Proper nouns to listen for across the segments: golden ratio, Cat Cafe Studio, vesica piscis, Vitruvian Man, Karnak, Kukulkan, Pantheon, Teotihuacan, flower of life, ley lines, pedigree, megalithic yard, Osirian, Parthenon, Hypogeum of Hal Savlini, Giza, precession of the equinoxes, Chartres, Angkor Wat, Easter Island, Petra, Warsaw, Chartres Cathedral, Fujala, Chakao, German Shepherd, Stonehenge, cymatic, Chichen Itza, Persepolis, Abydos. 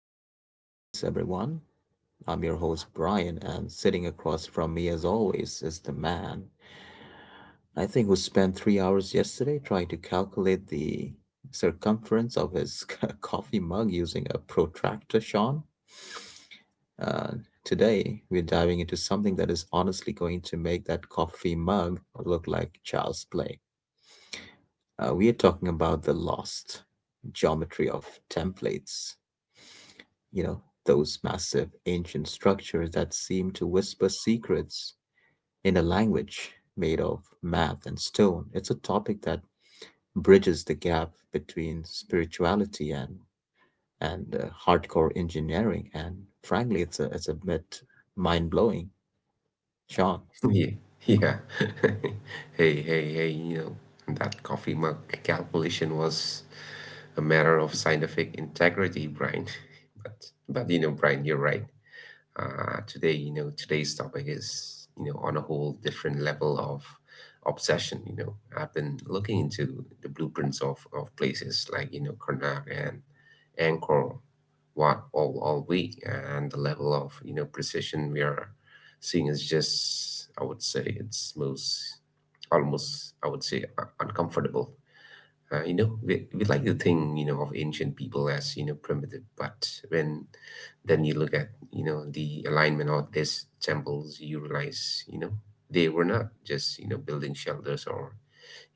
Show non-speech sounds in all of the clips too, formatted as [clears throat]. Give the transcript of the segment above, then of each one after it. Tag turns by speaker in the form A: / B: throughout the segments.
A: The Hidden Pulse, everyone. I'm your host, Brian, and sitting across from me, as always, is the man I think who spent 3 hours yesterday trying to calculate the circumference of his [laughs] coffee mug using a protractor, Sean. Uh, Today, we're diving into something that is honestly going to make that coffee mug look like child's play. We are talking about the lost geometry of templates. You know, those massive ancient structures that seem to whisper secrets in a language made of math and stone. It's a topic that bridges the gap between spirituality and and hardcore engineering, and frankly, it's a bit mind blowing, Sean.
B: Yeah, yeah. [laughs] Hey, hey, hey, that coffee mug calculation was a matter of scientific integrity, Brian. [laughs] But Brian, you're right. Today's topic is on a whole different level of obsession. I've been looking into the blueprints of places like, Karnak and Angkor Wat all week, and the level of precision we are seeing is just, I would say, it's most almost, I would say, uncomfortable. We like to think, of ancient people as, primitive, but when then you look at, the alignment of these temples, you realize, they were not just, building shelters or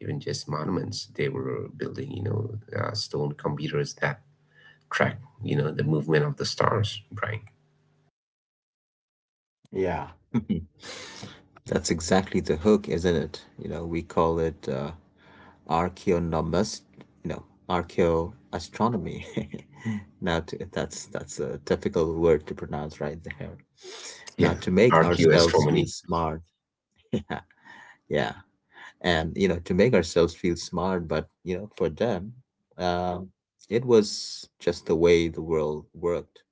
B: even just monuments. They were building, stone computers that track, the movement of the stars, Brian.
A: Yeah. [laughs] That's exactly the hook, isn't it? You know, we call it. Archaeonomist, no, archaeoastronomy. [laughs] Now, to, that's a difficult word to pronounce right there. Now
B: Yeah,
A: to make ourselves feel
B: archaeoastronomy.
A: smart, [laughs] yeah, yeah, and you know, to make ourselves feel smart, but you know for them, um, it was just the way the world worked.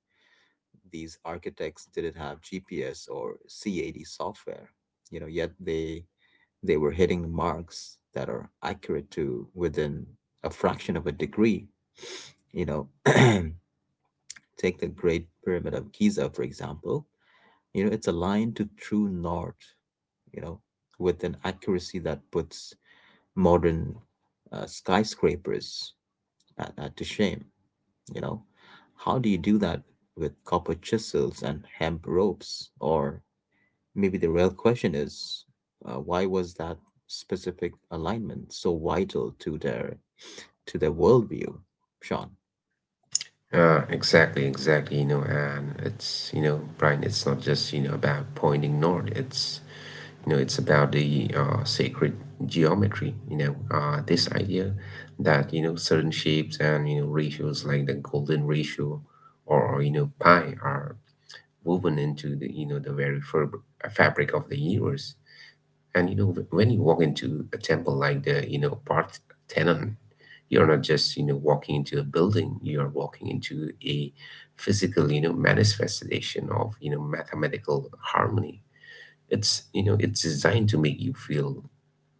A: These architects didn't have GPS or CAD software, you know, yet they were hitting marks that are accurate to within a fraction of a degree. You know, [clears throat] take the Great Pyramid of Giza, for example. You know, it's aligned to true north, you know, with an accuracy that puts modern skyscrapers at to shame. You know, how do you do that with copper chisels and hemp ropes? Or maybe the real question is why was that specific alignment so vital to their worldview, Sean?
B: Exactly, exactly, and it's, Brian, it's not just, about pointing north. It's about the sacred geometry, this idea that, certain shapes and, ratios like the golden ratio or, pi are woven into the very fabric of the universe. And when you walk into a temple like the, Parthenon, you're not just, walking into a building, you're walking into a physical, manifestation of, mathematical harmony. It's designed to make you feel,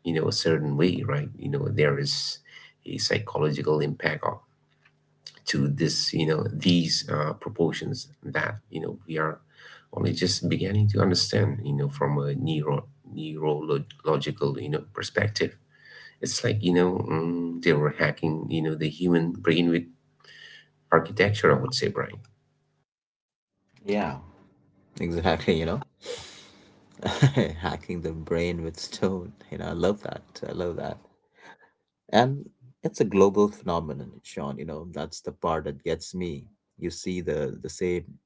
B: a certain way, right? There is a psychological impact of to this you know these proportions that, we are only just beginning to understand, from a neurological, perspective. It's like, they were hacking, the human brain with architecture, I would say, Brian.
A: Yeah, exactly. You know, [laughs] hacking the brain with stone. You know, I love that. I love that. And it's a global phenomenon, Sean. You know, that's the part that gets me. You see the same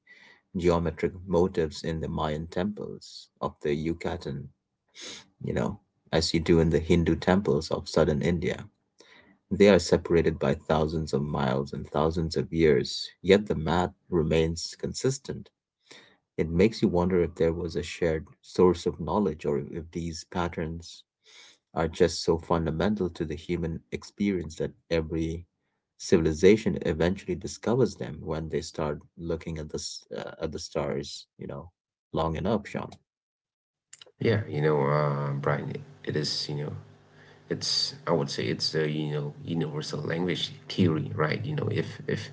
A: geometric motifs in the Mayan temples of the Yucatan, you know, as you do in the Hindu temples of southern India. They are separated by thousands of miles and thousands of years, yet the math remains consistent. It makes you wonder if there was a shared source of knowledge or if these patterns are just so fundamental to the human experience that every civilization eventually discovers them when they start looking at at the stars, you know, long enough, Sean.
B: Yeah, Brian, it is, I would say it's a, universal language theory, right? You know, if, if,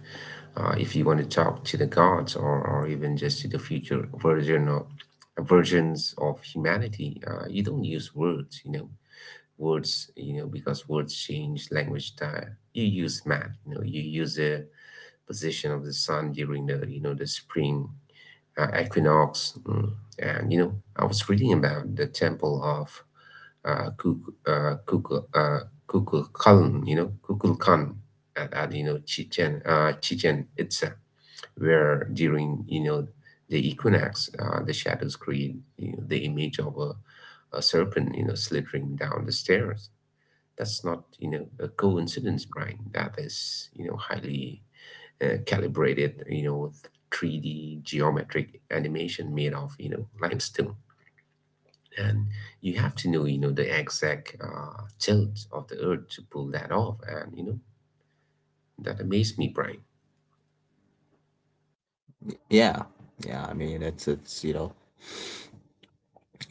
B: uh, if you want to talk to the gods, or even just to the future versions of humanity, you don't use words, because words change language style. You use math, you use the position of the sun during the spring equinox. Mm. And, I was reading about the temple of uh, Kuk- uh, Kukul, uh, Kukulkan, at Chichen Itza, where during, the equinox, the shadows create, the image of a serpent, slithering down the stairs. That's not, a coincidence, Brian. That is, highly, calibrated, 3D geometric animation made of, limestone. And you have to know, the exact, tilt of the earth to pull that off. And, that amazed me, Brian.
A: Yeah, yeah. I mean, it's you know,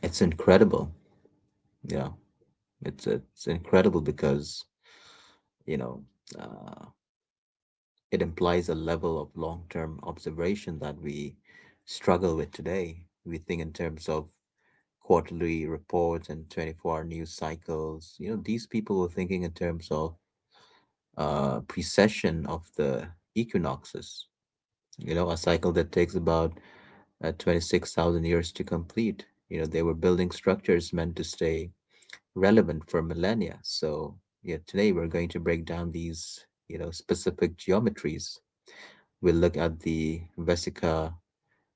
A: it's incredible. Yeah. It's incredible because, you know, uh, it implies a level of long-term observation that we struggle with today. We think in terms of quarterly reports and 24-hour news cycles. You know, these people were thinking in terms of precession of the equinoxes. You know, a cycle that takes about 26,000 years to complete. You know, they were building structures meant to stay relevant for millennia. So, yeah, today we're going to break down these, you know, specific geometries. We'll look at the vesica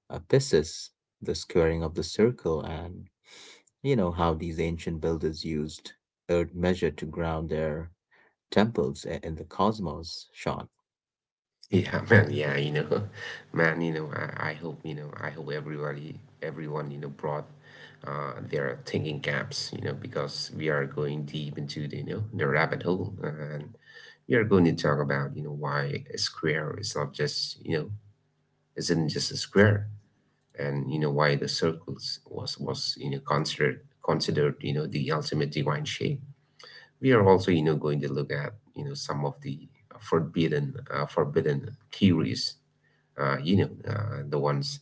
A: apicis, the squaring of the circle, and, you know, how these ancient builders used earth measure to ground their temples in the cosmos, Sean.
B: Yeah, [laughs] man. Yeah, [laughs] man. I hope. I hope everyone, brought their thinking caps. Because we are going deep into the you know the rabbit hole, and we are going to talk about, why a square is not just you know isn't just a square, and why the circles was, considered, the ultimate divine shape. We are also, going to look at, some of the forbidden theories, the ones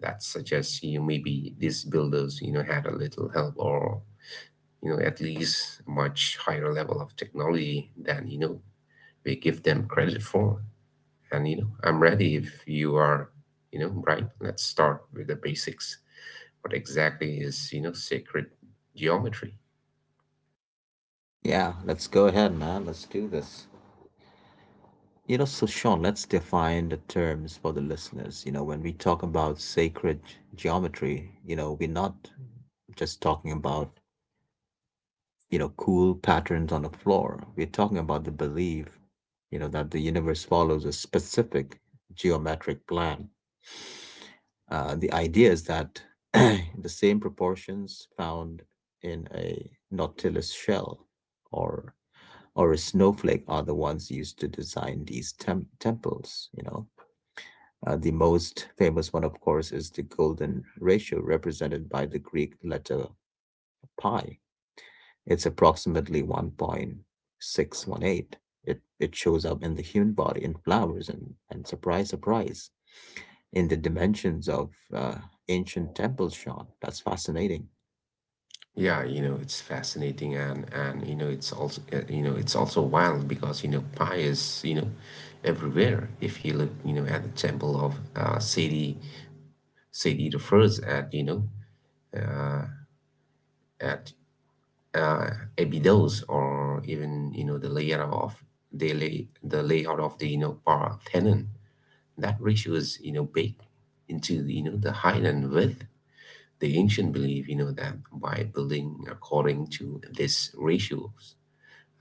B: that suggest, maybe these builders, had a little help, or, at least a much higher level of technology than, we give them credit for. And, I'm ready if you are, right. Let's start with the basics. What exactly is, sacred geometry?
A: Yeah, let's go ahead, man. Let's do this. You know, so Sean, let's define the terms for the listeners. You know, when we talk about sacred geometry, you know, we're not just talking about, you know, cool patterns on the floor. We're talking about the belief, you know, that the universe follows a specific geometric plan. The idea is that [clears throat] the same proportions found in a nautilus shell or or a snowflake are the ones used to design these temples, you know. The most famous one, of course, is the golden ratio, represented by the Greek letter pi. It's approximately 1.618. It shows up in the human body, in flowers, and surprise, surprise, in the dimensions of ancient temples, Sean. That's fascinating.
B: Yeah, it's fascinating, and it's also wild, because, pi is, everywhere. If you look, at the temple of Sadie, Sadie refers at, uh, at, uh, Abydos, or even, the layout of, the layout of the, Parthenon, that ratio is, baked into, the Highland with the ancient belief, that by building according to this ratios,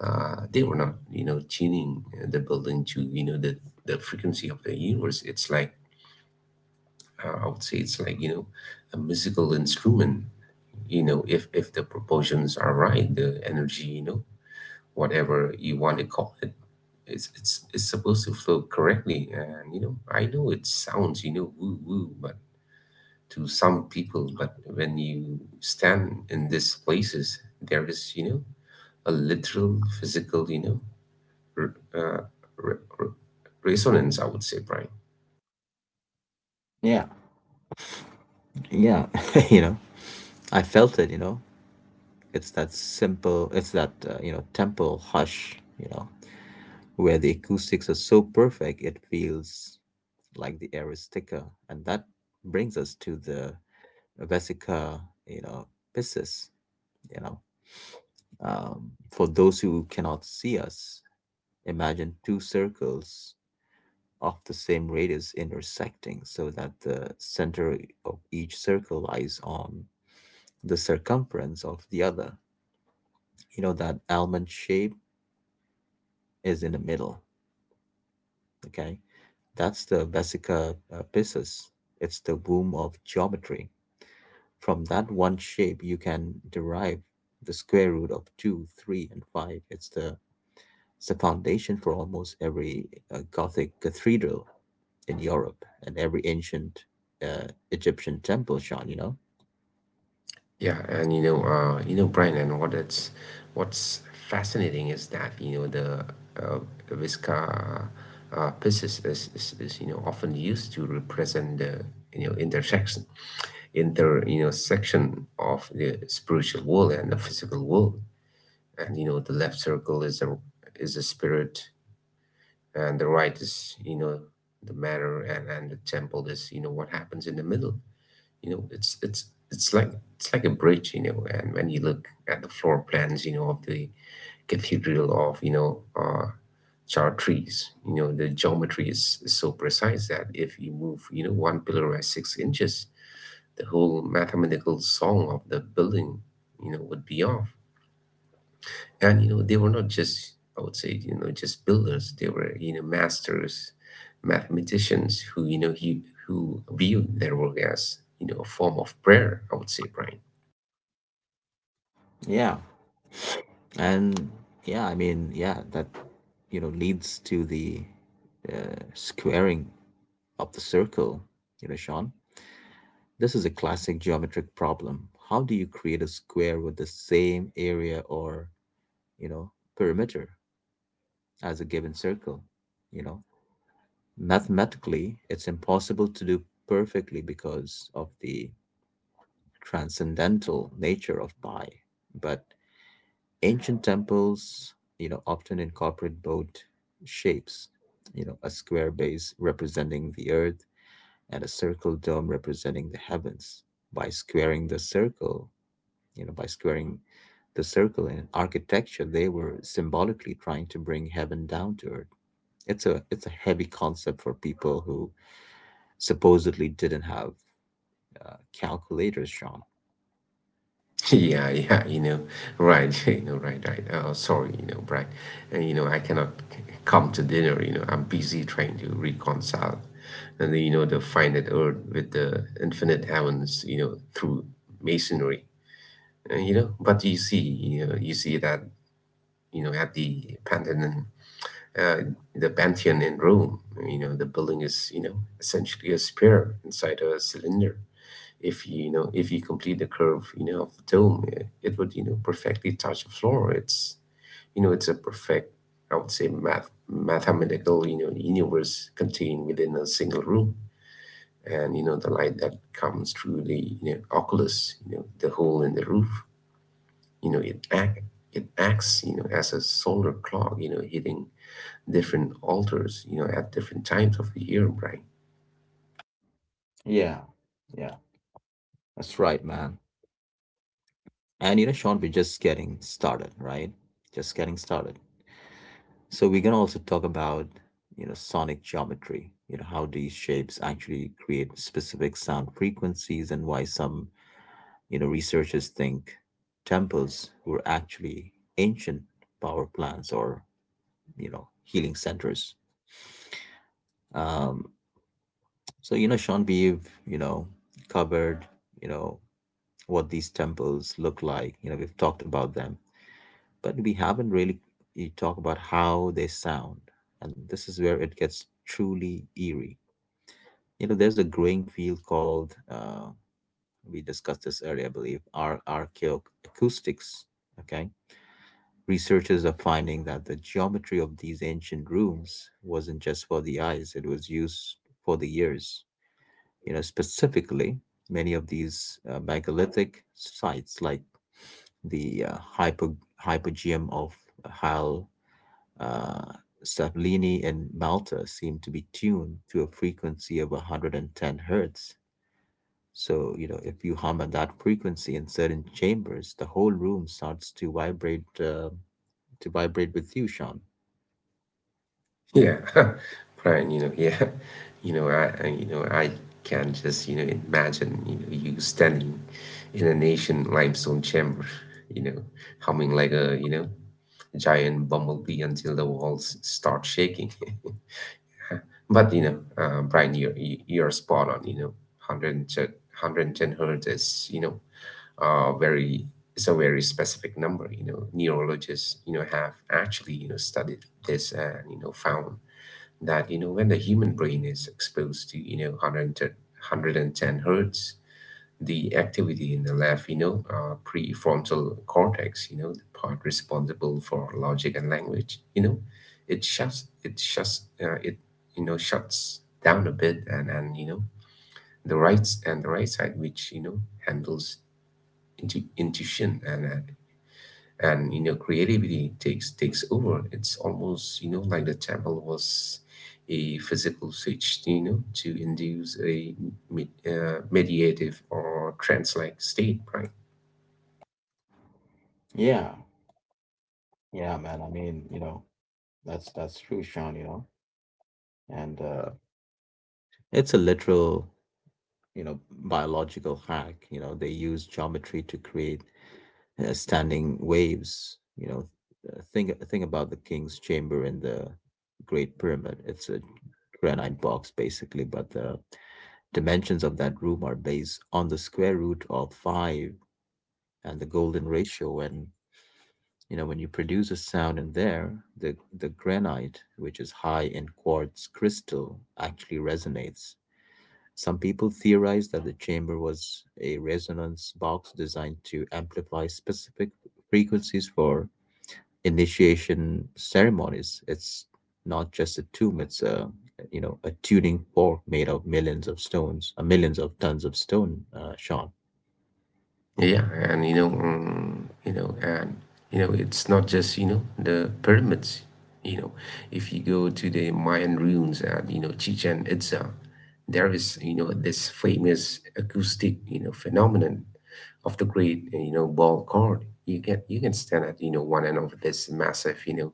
B: they were not, tuning the building to, the frequency of the universe. It's like, I would say it's like, a musical instrument. If the proportions are right, the energy, whatever you want to call it, it's supposed to flow correctly. And, I know it sounds, woo woo, but to some people, but when you stand in these places, there is, a literal physical, r- uh, re- re- resonance, I would say, Brian.
A: Yeah. Yeah. [laughs] You know, I felt it, you know. It's that simple, it's that, you know, temple hush, you know, where the acoustics are so perfect it feels like the air is thicker. And that brings us to the Vesica, you know, Pisces, you know. For those who cannot see us, imagine two circles of the same radius intersecting so that the center of each circle lies on the circumference of the other. You know, that almond shape is in the middle. Okay, that's the vesica piscis. It's the womb of geometry. From that one shape, you can derive the square root of two, three, and five. It's the foundation for almost every Gothic cathedral in Europe and every ancient Egyptian temple, Sean. You know.
B: Yeah, and, Brian, and what's fascinating is that, the, uh, Visca, pieces, is often used to represent the, intersection inter you know section of the spiritual world and the physical world. And, the left circle is a spirit, and the right is, the matter, and the temple is, what happens in the middle. You know it's it's it's like it's like a bridge. And when you look at the floor plans, of the cathedral of, Chartres, the geometry is so precise that if you move, one pillar by 6 inches, the whole mathematical song of the building, would be off. And, they were not just, I would say, just builders. They were, masters mathematicians who, who viewed their work as, a form of prayer, I would say, Brian.
A: Yeah, and yeah, I mean, yeah, that you know leads to the squaring of the circle, you know, Sean. This is a classic geometric problem. How do you create a square with the same area or, you know, perimeter as a given circle? You know, mathematically, it's impossible to do perfectly because of the transcendental nature of pi. But ancient temples, you know, often incorporate both shapes, you know, a square base representing the earth and a circle dome representing the heavens. By squaring the circle, you know by squaring in architecture, they were symbolically trying to bring heaven down to earth. It's a it's a heavy concept for people who supposedly didn't have calculators, Sean.
B: [laughs] Yeah, yeah, right. [laughs] Right, right. Oh, sorry, Brian, and, I cannot come to dinner. I'm busy trying to reconcile, and, the finite earth with the infinite heavens, through masonry. And, but you see that, at uh, the Pantheon in Rome. The building is, essentially a sphere inside a cylinder. If you complete the curve, of the dome, it would, perfectly touch the floor. It's a perfect, I would say, mathematical, universe contained within a single room. And, the light that comes through the, oculus, the hole in the roof, you know, it act it acts, as a solar clock, hitting different altars, at different times of the year, Brian.
A: Yeah, yeah. That's right, man. And you know, Sean, we're just getting started, right? Just getting started. So we're gonna also talk about, you know, sonic geometry, you know, how these shapes actually create specific sound frequencies and why some, you know, researchers think temples were actually ancient power plants or, you know, healing centers. Um, so, you know, Sean Beeve, you know, covered, you know, what these temples look like. You know, we've talked about them, but we haven't really you talk about how they sound. And this is where it gets truly eerie. You know, there's a growing field called, we discussed this earlier, I believe, archaeoacoustics. Okay. Researchers are finding that the geometry of these ancient rooms wasn't just for the eyes, it was used for the ears. You know, specifically, many of these megalithic sites, like the Hypogeum of Hal uh, Savlini in Malta, seem to be tuned to a frequency of 110 hertz. So, you know, if you hum at that frequency in certain chambers, the whole room starts to vibrate to vibrate with you, Sean.
B: Yeah, [laughs] Brian, yeah, [laughs] I I can just, imagine, you standing in an ancient limestone chamber, [laughs] you know, humming like a, giant bumblebee until the walls start shaking. [laughs] But, Brian, you're spot on. 110 hertz is you know very it's a very specific number. Neurologists have actually, studied this, and, found that, when the human brain is exposed to, 110 hertz, the activity in the left, prefrontal cortex, the part responsible for logic and language, it shuts down a bit. And the right side, which, handles intuition, and creativity, takes over. It's almost, like the temple was a physical switch, to induce a mediative or trance like state, right?
A: Yeah, yeah, man. I mean, you know, that's true, Sean, you know. And it's a literal, you know, biological hack. You know, they use geometry to create standing waves. You know, think about the King's Chamber in the Great Pyramid. It's a granite box basically, but the dimensions of that room are based on the square root of five and the golden ratio. And you know, when you produce a sound in there, the granite, which is high in quartz crystal, actually resonates. Some people theorize that the chamber was a resonance box designed to amplify specific frequencies for initiation ceremonies. It's not just a tomb, it's a, you know, a tuning fork made of millions of stones, millions of tons of stone, Sean.
B: Yeah, yeah, and, It's not just, the pyramids. You know, if you go to the Mayan ruins at, Chichen Itza, there is, this famous acoustic, phenomenon of the great, ball chord. You can stand at, one end of this massive,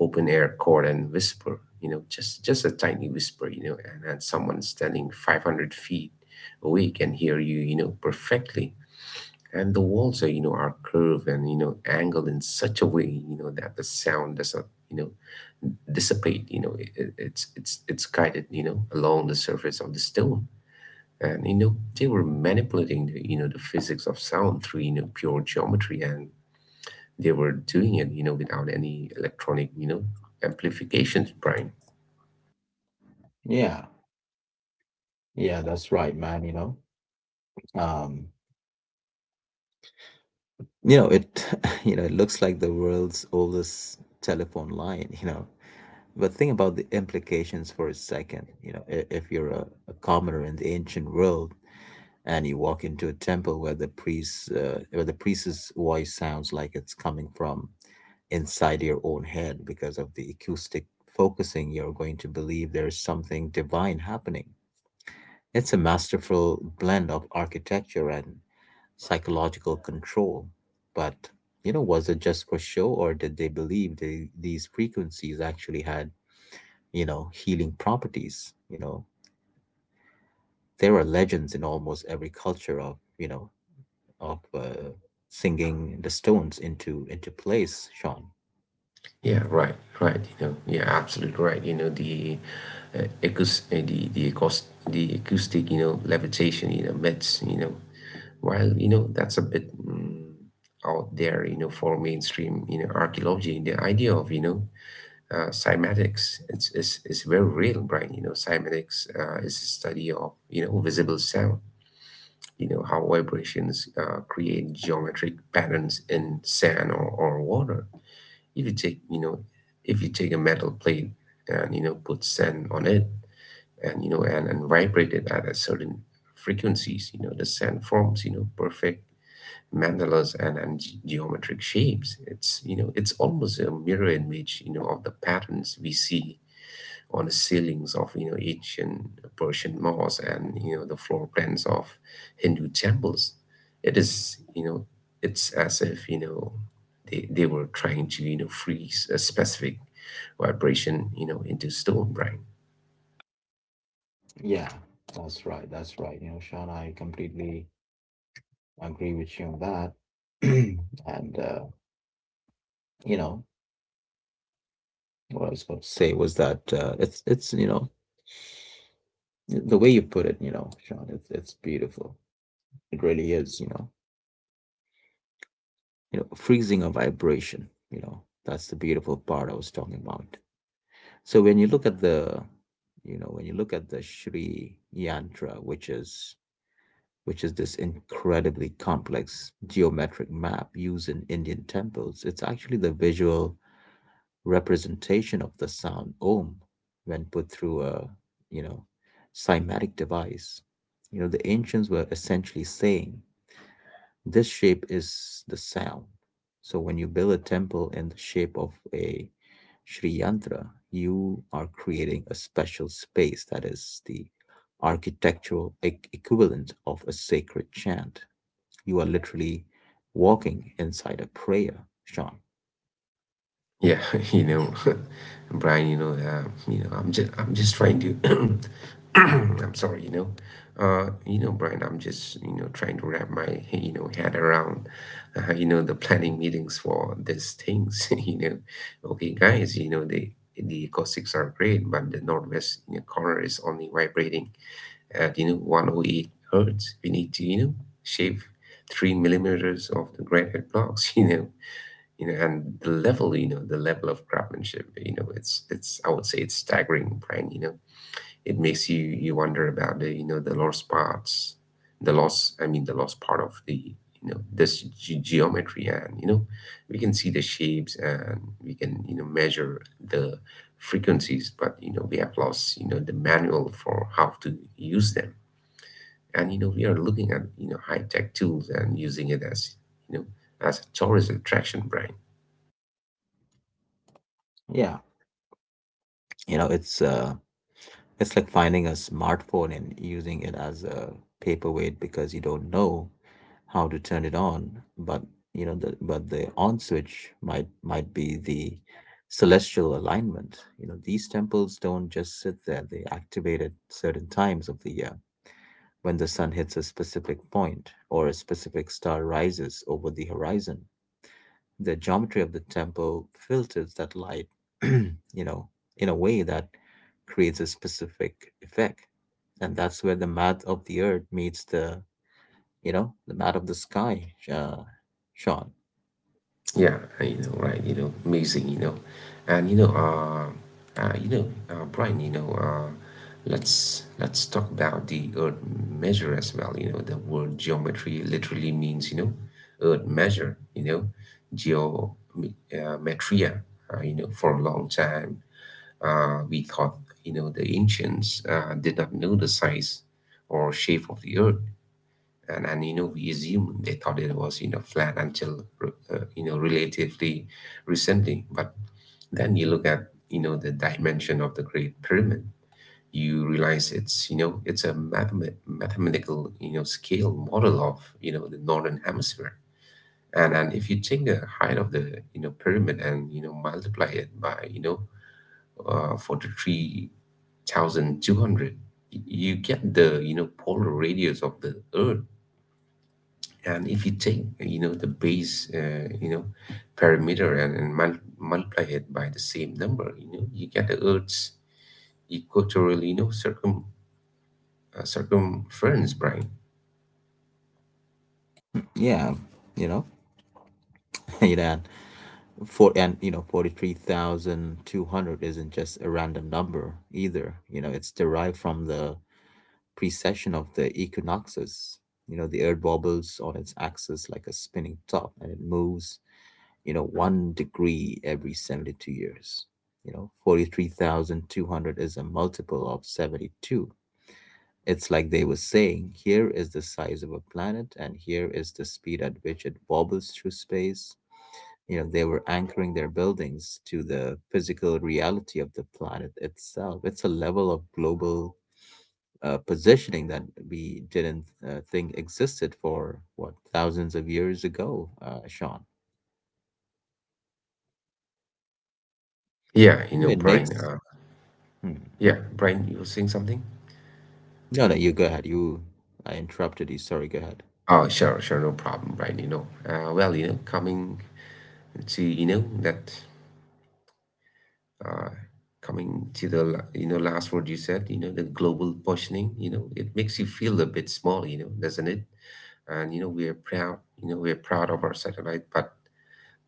B: open air chord and whisper. Just a tiny whisper. And someone standing 500 feet away can hear you. Perfectly. And the walls are, are curved, and angled in such a way that the sound does not dissipate. It's guided, along the surface of the stone. And they were manipulating the, the physics of sound through pure geometry. And they were doing it, without any electronic, amplifications, Brian.
A: Yeah, yeah, that's right, man. You know, um, you know, it [laughs] you know, it looks like the world's oldest telephone line, you know. But think about the implications for a second. You know, if you're a commoner in the ancient world and you walk into a temple where the priest, where the priest's voice sounds like it's coming from inside your own head because of the acoustic focusing, you're going to believe there's something divine happening. It's a masterful blend of architecture and psychological control. But, you know, was it just for show or did they believe they, these frequencies actually had, you know, healing properties? You know, there are legends in almost every culture of, you know, of singing the stones into place, Sean.
B: Yeah, right, right. Yeah, absolutely right. You know, the acoust the acoust the acoustic, levitation, myths, while that's a bit out there, for mainstream, archaeology. The idea of, cymatics, it's is very real, right? Cymatics is a study of visible sound. You know how vibrations create geometric patterns in sand, or water. If you take, you know, if you take a metal plate and put sand on it, and vibrate it at a certain frequencies. The sand forms, perfect mandalas and geometric shapes. It's almost a mirror image, of the patterns we see on the ceilings of ancient Persian mosques, and the floor plans of Hindu temples. It is you know it's as if, they were trying to freeze a specific vibration, into stone, right?
A: Yeah, that's right. That's right. You know, Sean, I completely agree with you on that. [clears throat] And you know, what I was going to say was that it's you know, the way you put it, you know, Sean, it's beautiful. It really is, you know, freezing a vibration. You know, that's the beautiful part I was talking about. So when you look at the, you know, when you look at the Sri Yantra, which is this incredibly complex geometric map used in Indian temples, it's actually the visual representation of the sound Om when put through a, you know, cymatic device. You know, the ancients were essentially saying, this shape is the sound. So when you build a temple in the shape of a Sri Yantra, you are creating a special space that is the architectural equivalent of a sacred chant. You are literally walking inside a prayer, Sean.
B: Yeah, [laughs] you know, [laughs] Brian, I'm just trying to, [coughs] [clears throat] I'm sorry. Brian, I'm just, trying to wrap my, head around, the planning meetings for these things, [laughs] okay, guys, the acoustics are great, but the northwest, corner is only vibrating at, 108 hertz. We need to, shave 3 mm of the granite blocks, [laughs] and the level, the level of craftsmanship, it's I would say it's staggering, Brian. It makes you wonder about the, the lost parts, the lost, I mean the lost part of the, this geometry, and we can see the shapes, and we can measure the frequencies. But we have lost, the manual for how to use them. And we are looking at high tech tools and using it as you know as a tourist attraction, Brian.
A: Yeah, you know it's uh, it's like finding a smartphone and using it as a paperweight because you don't know how to turn it on, but the on switch might be the celestial alignment. These temples don't just sit there. They activate at certain times of the year when the sun hits a specific point or a specific star rises over the horizon. The geometry of the temple filters that light [clears throat] you know in a way that creates a specific effect. And that's where the math of the earth meets the out of the sky, Sean.
B: Yeah, right, amazing. And, Brian, let's talk about the earth measure as well. The word geometry literally means, earth measure, geometria. For a long time, we thought, the ancients did not know the size or shape of the earth. And we assume they thought it was flat, until relatively recently. But then you look at the dimension of the Great Pyramid, you realize it's a mathematical scale model of the northern hemisphere. And if you take the height of the pyramid and multiply it by uh, 43,200, you get the polar radius of the earth. And if you take, the base, parameter, and multiply it by the same number, you get the Earth's equatorial, circumference, Brian.
A: Yeah, you know, [laughs] you know, and and 43,200 isn't just a random number either. It's derived from the precession of the equinoxes. The Earth wobbles on its axis like a spinning top, and it moves, one degree every 72 years. 43,200 is a multiple of 72. It's like they were saying, here is the size of a planet and here is the speed at which it wobbles through space. They were anchoring their buildings to the physical reality of the planet itself. It's a level of global positioning that we didn't think existed for what, thousands of years ago, Sean.
B: Yeah,
A: It
B: Brian.
A: makes. Hmm.
B: Yeah, Brian, you were saying something?
A: No, no, you go ahead. I interrupted you. Sorry, go ahead.
B: Oh, sure, sure, no problem, Brian. Well, to, you know, that, uh, coming to the, last word you said, the global positioning, it makes you feel a bit small, doesn't it? And we're proud of our satellite. But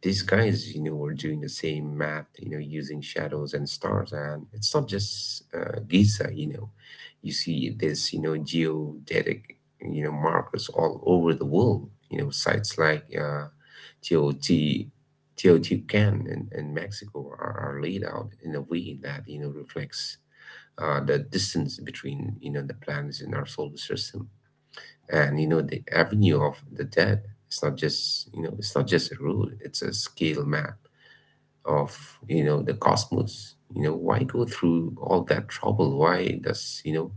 B: these guys were doing the same math, using shadows and stars. And it's not just Giza. You see this geodetic markers all over the world. Sites like tot Teotihuacan in, Mexico are, laid out in a way that reflects the distance between the planets in our solar system. And the Avenue of the Dead, it's not just a rule, it's a scale map of the cosmos. Why go through all that trouble? Why does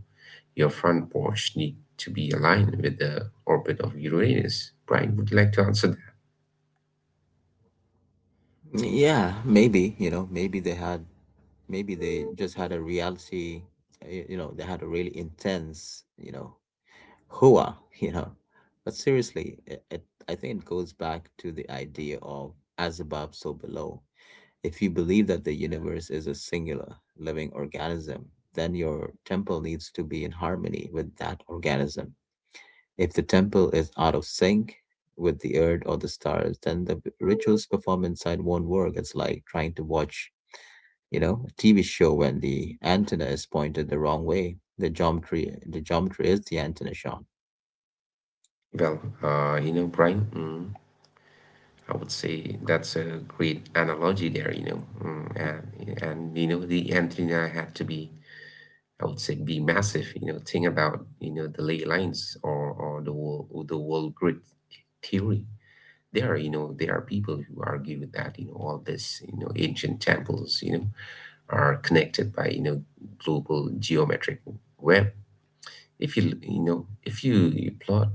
B: your front porch need to be aligned with the orbit of Uranus? Brian, would you like to answer
A: Yeah, maybe, maybe they had maybe they just had a reality. They had a really intense, hua, [laughs] but seriously, I think it goes back to the idea of as above, so below. If you believe that the universe is a singular living organism, then your temple needs to be in harmony with that organism. If the temple is out of sync with the earth or the stars, then the rituals performed inside won't work. It's like trying to watch, a TV show when the antenna is pointed the wrong way. The geometry is the antenna shot.
B: that? Well, Brian, I would say that's a great analogy there. And the antenna had to be, I would say, be massive. Think about the ley lines, or the wall grid theory. There are people who argue with that. All this ancient temples are connected by global geometric web. If you plot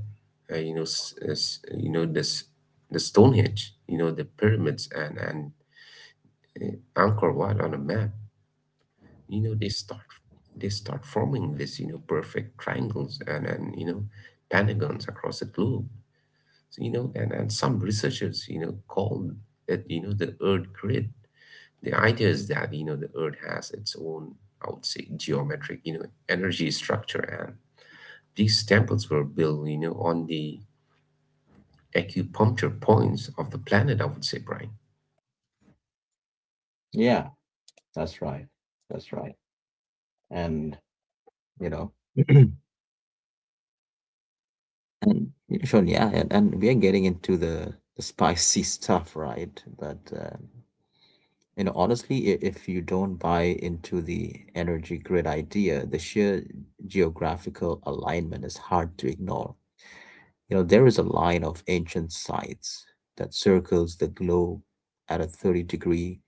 B: you know s- s- you know this the Stonehenge, the pyramids, and Angkor Wat on a map, you know they start they start forming this perfect triangles and pentagons across the globe. So, and some researchers call it the earth grid. The idea is that the earth has its own, I would say, geometric energy structure, and these temples were built on the acupuncture points of the planet, I would say, Brian.
A: Yeah, that's right. That's right. And, you know, [clears throat] and you Sean, yeah, and we are getting into the spicy [laughs] stuff, right? But honestly, if you don't buy into the energy grid idea, the sheer geographical alignment is hard to ignore. There is a line of ancient sites that circles the globe at a 30-degree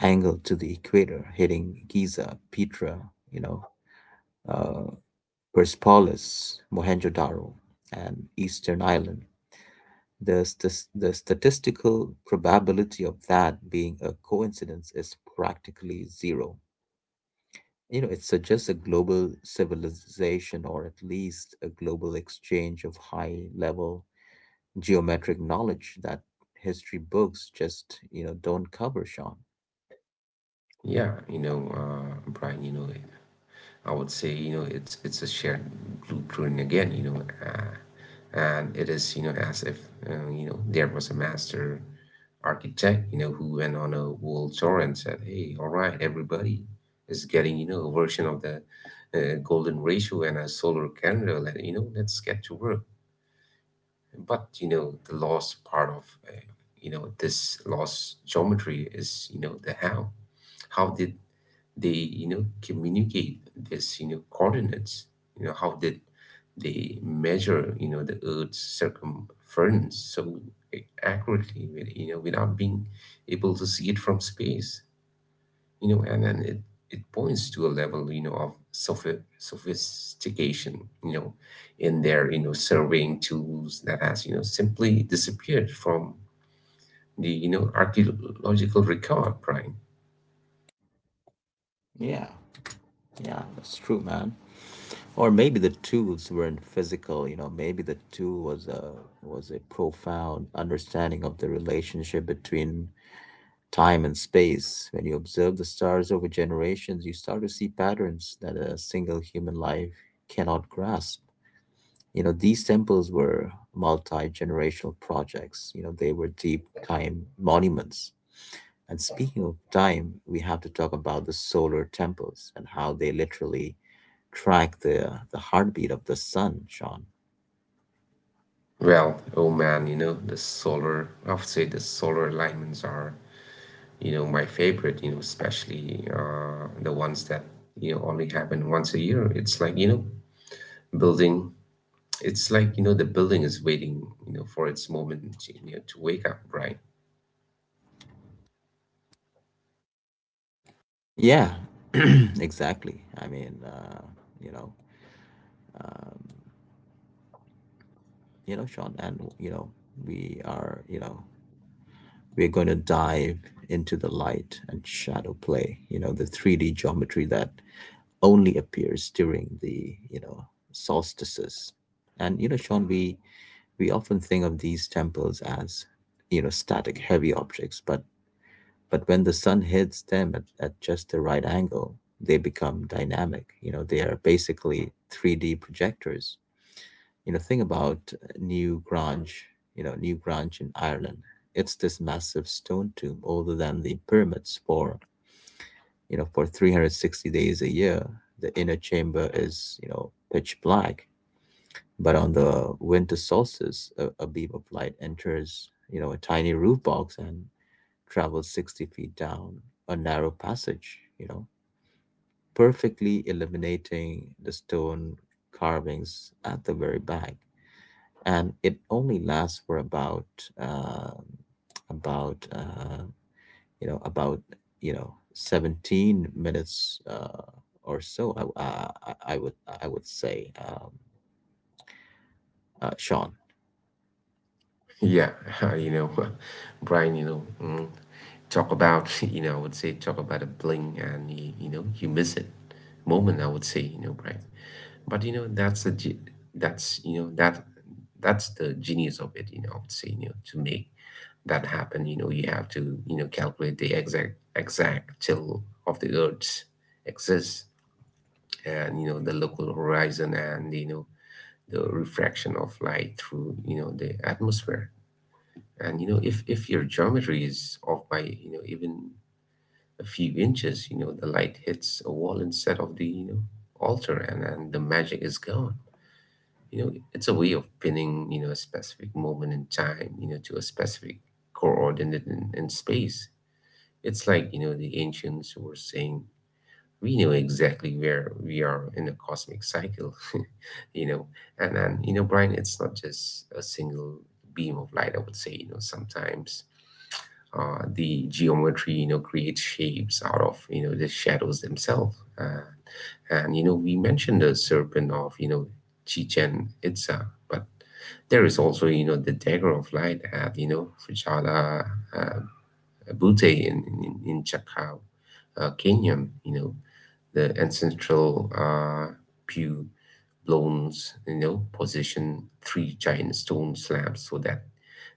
A: angle to the equator, hitting Giza, Petra, you know, uh, Persepolis, Mohenjo-daro, and Eastern Island. The statistical probability of that being a coincidence is practically zero. It suggests a global civilization, or at least a global exchange of high level geometric knowledge that history books just don't cover, Sean.
B: Yeah, Brian, I would say, it's a shared blueprint again, and it is as if there was a master architect who went on a world tour and said, "Hey, all right, everybody is getting a version of the golden ratio and a solar calendar. Let's get to work." But the lost part of this lost geometry is the How did they communicate this coordinates? How did they measure the earth's circumference so accurately, without being able to see it from space? And then it points to a level of sophistication in their surveying tools that has simply disappeared from the archaeological record, right?
A: Yeah, yeah, that's true, man. Or maybe the tools weren't physical. Maybe the tool was a profound understanding of the relationship between time and space. When you observe the stars over generations, you start to see patterns that a single human life cannot grasp. These temples were multi generational projects, they were deep time monuments. And speaking of time, we have to talk about the solar temples and how they literally track the heartbeat of the sun, Sean.
B: Well, oh man, the solar, I would say the solar alignments are, my favorite, especially the ones that, only happen once a year. Building, it's like, the building is waiting, for its moment to wake up, right?
A: Yeah, [clears throat] exactly. I mean, you know, Sean, and we are, you know, we're going to dive into the light and shadow play, the 3D geometry that only appears during the solstices. And Sean, we often think of these temples as static heavy objects, but when the sun hits them at just the right angle, they become dynamic. They are basically 3D projectors. Think about New Grange, in Ireland. It's this massive stone tomb older than the pyramids. For, 360 days a year, the inner chamber is, pitch black, but on the winter solstice, a beam of light enters, a tiny roof box and travels 60 feet down a narrow passage, perfectly illuminating the stone carvings at the very back. And it only lasts for uh about you know about you know 17 minutes, or so, I would, I would say, Sean.
B: Yeah, [laughs] you know, [laughs] Brian, talk about, [laughs] I would say, talk about a bling and you, you miss it moment, I would say, Brian. But that's a ge- that's, you know, that that's the genius of it, I would say, to make that happen, you have to, calculate the exact till of the Earth's exists, and the local horizon, and the refraction of light through the atmosphere. And if your geometry is off by, even a few inches, the light hits a wall instead of the, altar, and the magic is gone. It's a way of pinning, a specific moment in time, to a specific coordinate in space. It's like, the ancients were saying, "We know exactly where we are in a cosmic cycle," [laughs] you know. And Brian, it's not just a single beam of light, I would say, sometimes the geometry creates shapes out of the shadows themselves. And we mentioned the Serpent of Chichen Itza. But there is also the Dagger of Light at Fujala uh, Butte in, in Chakao, Kenya. You know the ancestral pew bronze, position three giant stone slabs so that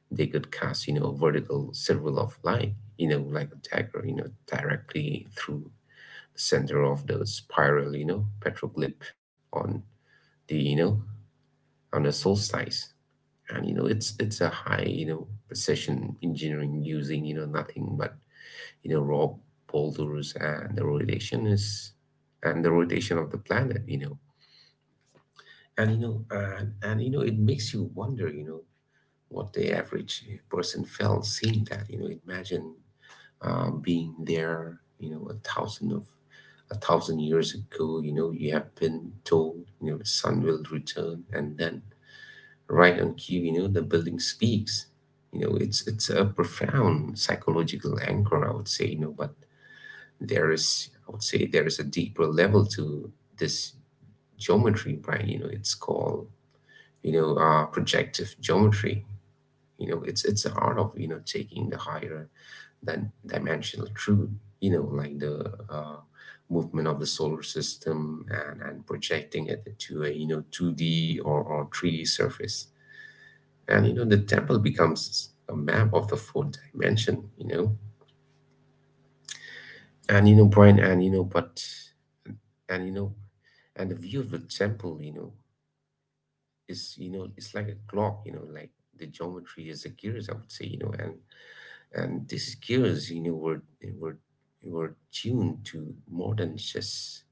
B: they could cast, a vertical circle of light, like a dagger, directly through the center of the spiral, petroglyph on the, on the solstice. And it's a high, precision engineering using, nothing but you know rob boulders and the rotation of the planet. You know and you know and you know it makes you wonder, what the average person felt seeing that. Imagine being there, a thousand years ago. You have been told, the sun will return, and then right on cue, the building speaks. It's a profound psychological anchor, I would say. But there is, I would say, there is a deeper level to this geometry, Brian. It's called projective geometry. It's the art of, taking the higher than dimensional truth, like the movement of the solar system, and projecting it to a, 2d or 3d surface. And the temple becomes a map of the fourth dimension. You know and you know brian and you know but and you know And the view of the temple, is, it's like a clock, like the geometry is the gears, I would say. And these gears, were were tuned to more than just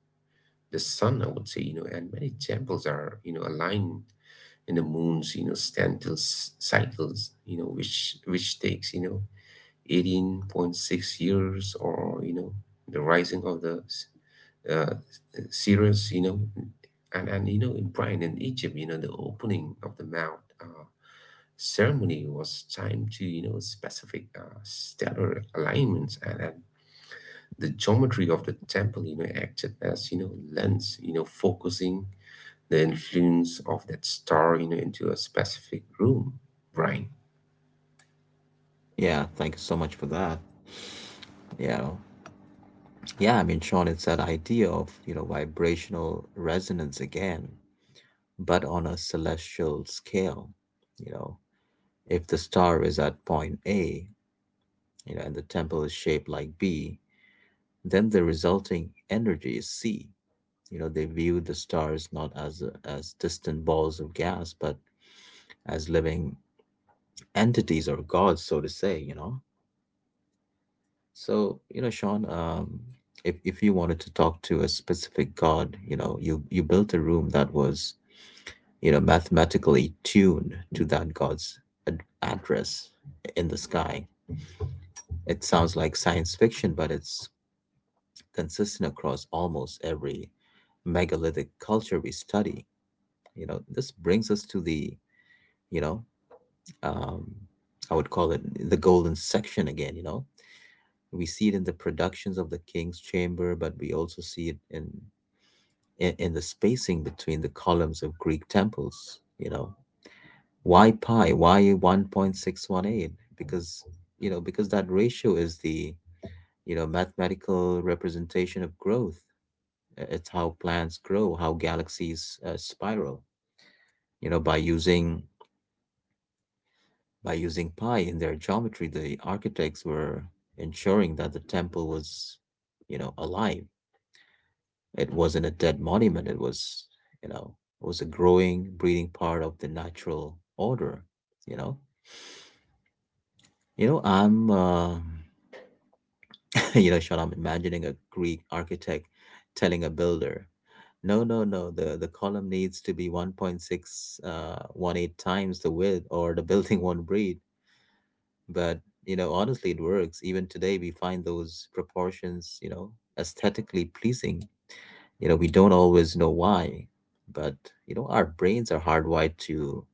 B: the sun, I would say. And many temples are, aligned in the moon's, stantil cycles, which takes, 18.6 years, or the rising of the uh, serious, and in Brian, in Egypt, the opening of the mouth ceremony was timed to, specific stellar alignments, and the geometry of the temple, acted as, lens, focusing the influence of that star, into a specific room, Brian.
A: Yeah, thank you so much for that, you know yeah, I mean, Sean, it's that idea of vibrational resonance again, but on a celestial scale. you know if the star is at point A, and the temple is shaped like B, then the resulting energy is C. They view the stars not as distant balls of gas, but as living entities or gods, so to say. So Sean, if you wanted to talk to a specific god, you built a room that was mathematically tuned to that god's address in the sky. It sounds like science fiction, but it's consistent across almost every megalithic culture we study. This brings us to the, you know, um, I would call it the golden section again. We see it in the productions of the King's Chamber, but we also see it in in the spacing between the columns of Greek temples. Why pi? Why 1.618? Because that ratio is the mathematical representation of growth. It's how plants grow, how galaxies spiral. You know, by using By using pi in their geometry, the architects were ensuring that the temple was, alive. It wasn't a dead monument. You know, it was a growing, breathing part of the natural order. You know, I'm, [laughs] Sean, I'm imagining a Greek architect telling a builder, no, no, no. The column needs to be 1.618 times the width, or the [laughs] building won't breathe. But, honestly, it works. Even today, we find those proportions, aesthetically pleasing. We don't always know why, but, our brains are hardwired to,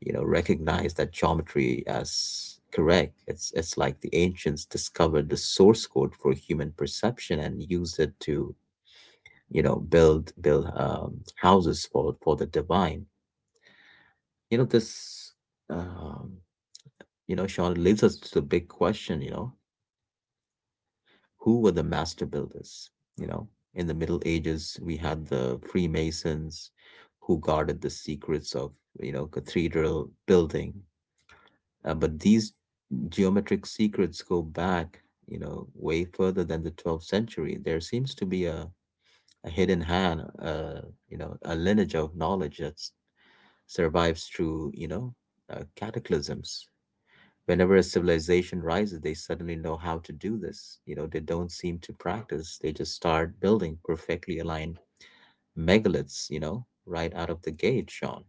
A: recognize that geometry as correct. It's like the ancients discovered the source code for human perception and used it to, build houses for, the divine. You know, this, um, Sean leads us to the big question. Who were the master builders? you know in the middle ages we had the freemasons, who guarded the secrets of, cathedral building. But these geometric secrets go back way further than the 12th century. There seems to be a hidden hand, a lineage of knowledge that survives through cataclysms. Whenever a civilization rises, they suddenly know how to do this. They don't seem to practice. They just start building perfectly aligned megaliths, right out of the gate, Sean.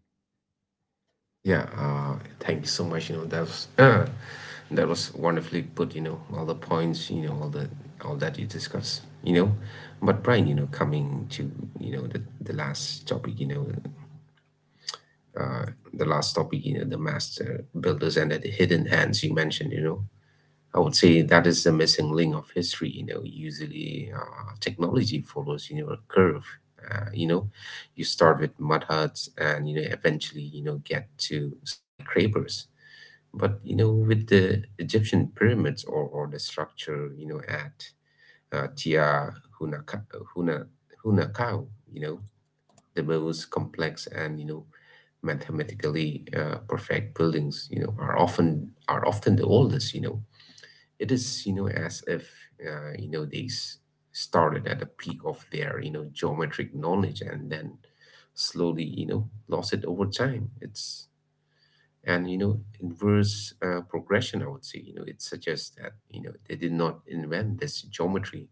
B: Yeah, thank you so much. That was [clears throat] that was wonderfully put. All the points. All the all that you discussed. But Brian, coming to, the last topic. Uh, the last topic. The master builders and the hidden hands you mentioned. I would say that is the missing link of history. Usually technology follows, a curve. Uh, you know, you start with mud huts, and eventually, get to skyscrapers. With the Egyptian pyramids, or the structure, at Tia Hunaka, Huna, Hunakau, the most complex and, mathematically perfect buildings, are often the oldest. It is, as if, uh, you know they s- started at the peak of their, geometric knowledge, and then slowly, lost it over time. It's and you know inverse progression, I would say. It suggests that, they did not invent this geometry.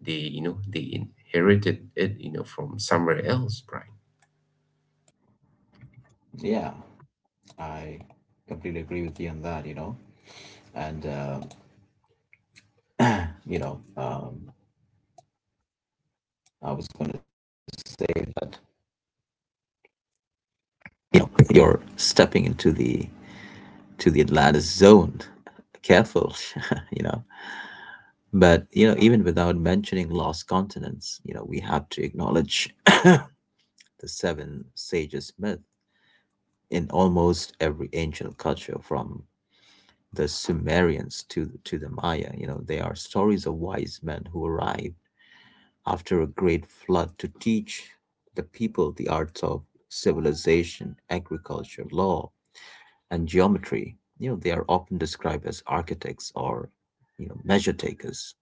B: They inherited it, from somewhere else, Brian.
A: Yeah, I completely agree with you on that, And, [clears throat] you know, um, I was going to say that, you're stepping into the, to the Atlantis zone. [laughs] Careful, [laughs] you know. But even without mentioning lost continents, we have to acknowledge [coughs] the seven sages myth in almost every ancient culture, from the Sumerians to the Maya. They are stories of wise men who arrived after a great flood to teach the people the arts of civilization, agriculture, law, and geometry. They are often described as architects or, measure takers.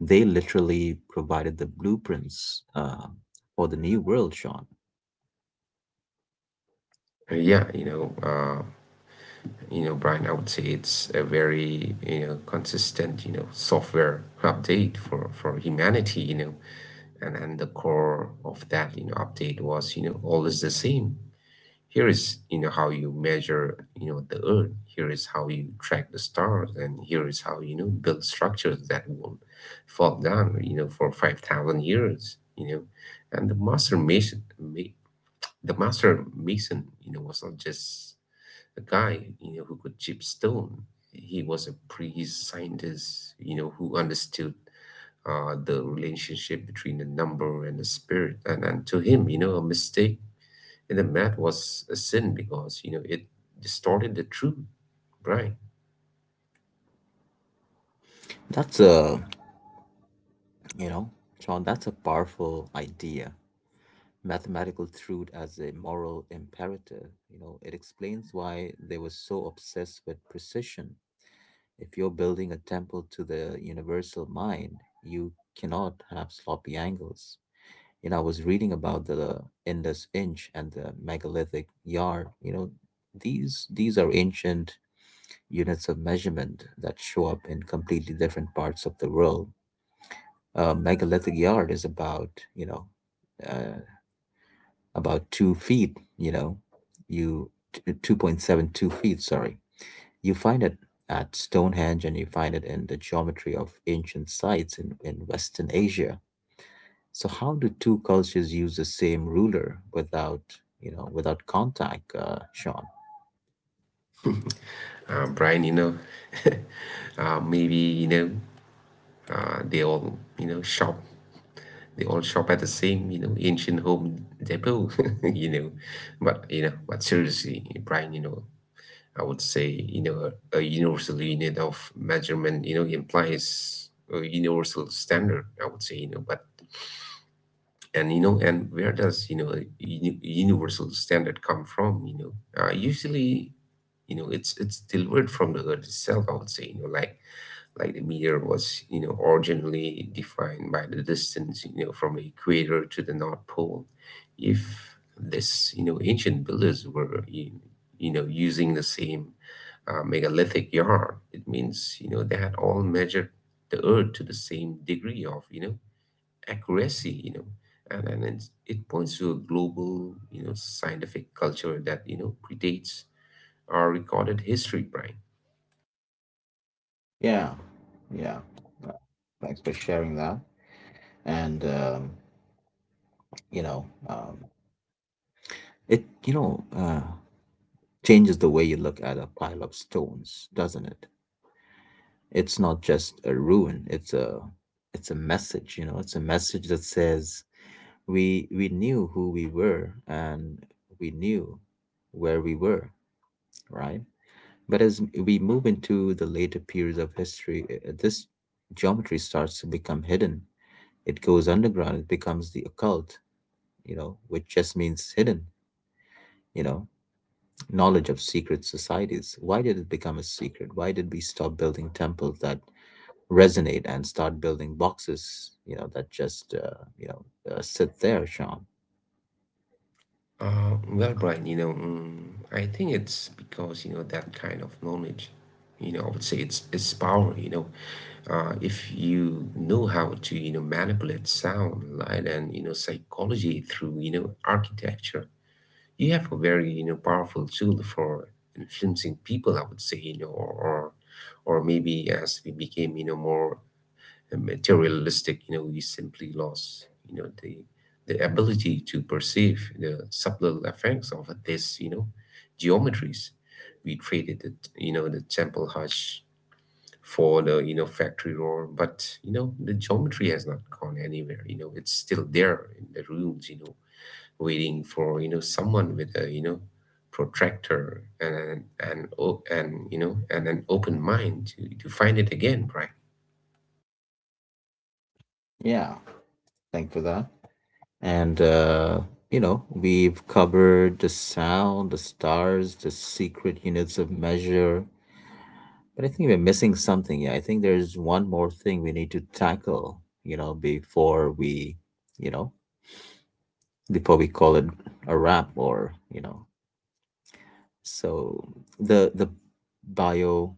A: They literally provided the blueprints, for the new world, Sean.
B: Uh, yeah you know uh, Brian, I would say it's a very, consistent, software update for humanity. And the core of that, update was, always the same. Here is, how you measure, the earth. Here is how you track the stars, and here is how, build structures that won't fall down, for 5,000 years, And the master mason, the master mason, was not just a guy, who could chip stone. He was a priest, scientist, who understood the relationship between the number and the spirit. And to him, a mistake and the math was a sin, because, it distorted the truth, Brian.
A: That's a, you know, Sean, that's a powerful idea. Mathematical truth as a moral imperative, it explains why they were so obsessed with precision. If you're building a temple to the universal mind, you cannot have sloppy angles. I was reading about the Indus Inch and the megalithic yard. These are ancient units of measurement that show up in completely different parts of the world. A megalithic yard is uh, about 2 feet. 2.72 feet. Sorry, you find it at Stonehenge and you find it in the geometry of ancient sites in Western Asia. So how do two cultures use the same ruler without, without contact, Sean?
B: Brian, [laughs] maybe, they all, shop at the same, ancient home depot, [laughs] you know. But, but seriously, Brian, I would say, a universal unit of measurement, implies a universal standard, I would say. You know, but and you know and where does, a, universal standard come from? Usually, it's delivered from the earth itself, I would say. Like the meter was, originally defined by the distance, from the equator to the north pole. If this, ancient builders were using the same megalithic yard, it means, they had all measured the earth to the same degree of, accuracy, and it's, it points to a global, scientific culture that, predates our recorded history, Brian.
A: Yeah, yeah. Uh, Thanks for sharing that. And you know, um, it, changes the way you look at a pile of stones, doesn't it? It's not just a ruin. It's a message. You know, it's a message that says we knew who we were and we knew where we were, right? But as we move into the later periods of history, this geometry starts to become hidden. It goes underground, it becomes the occult, you know, which just means hidden, you know, knowledge of secret societies. Why did it become a secret? Why did we stop building temples that resonate and start building boxes, you know, that just, you know, sit there, Sean?
B: Well, Brian, I think it's because, that kind of knowledge, I would say it's power. If you know how to, manipulate sound, light, and, psychology through, architecture, you have a very, powerful tool for influencing people, I would say. Or maybe as we became, more materialistic, we simply lost, the ability to perceive the subtle effects of this, geometries. We traded it, the temple hush for the, factory roar. But the geometry has not gone anywhere. It's still there in the rooms, waiting for, someone with a, protractor and an- and o- and you know and an open mind to find it again, right?
A: Yeah, thank for that. And, you know, we've covered the sound, the stars, the secret units of measure. But I think we're missing something. Yeah, I think there's one more thing we need to tackle, you know, before we, you know, before we call it a wrap or, you know, so the bio,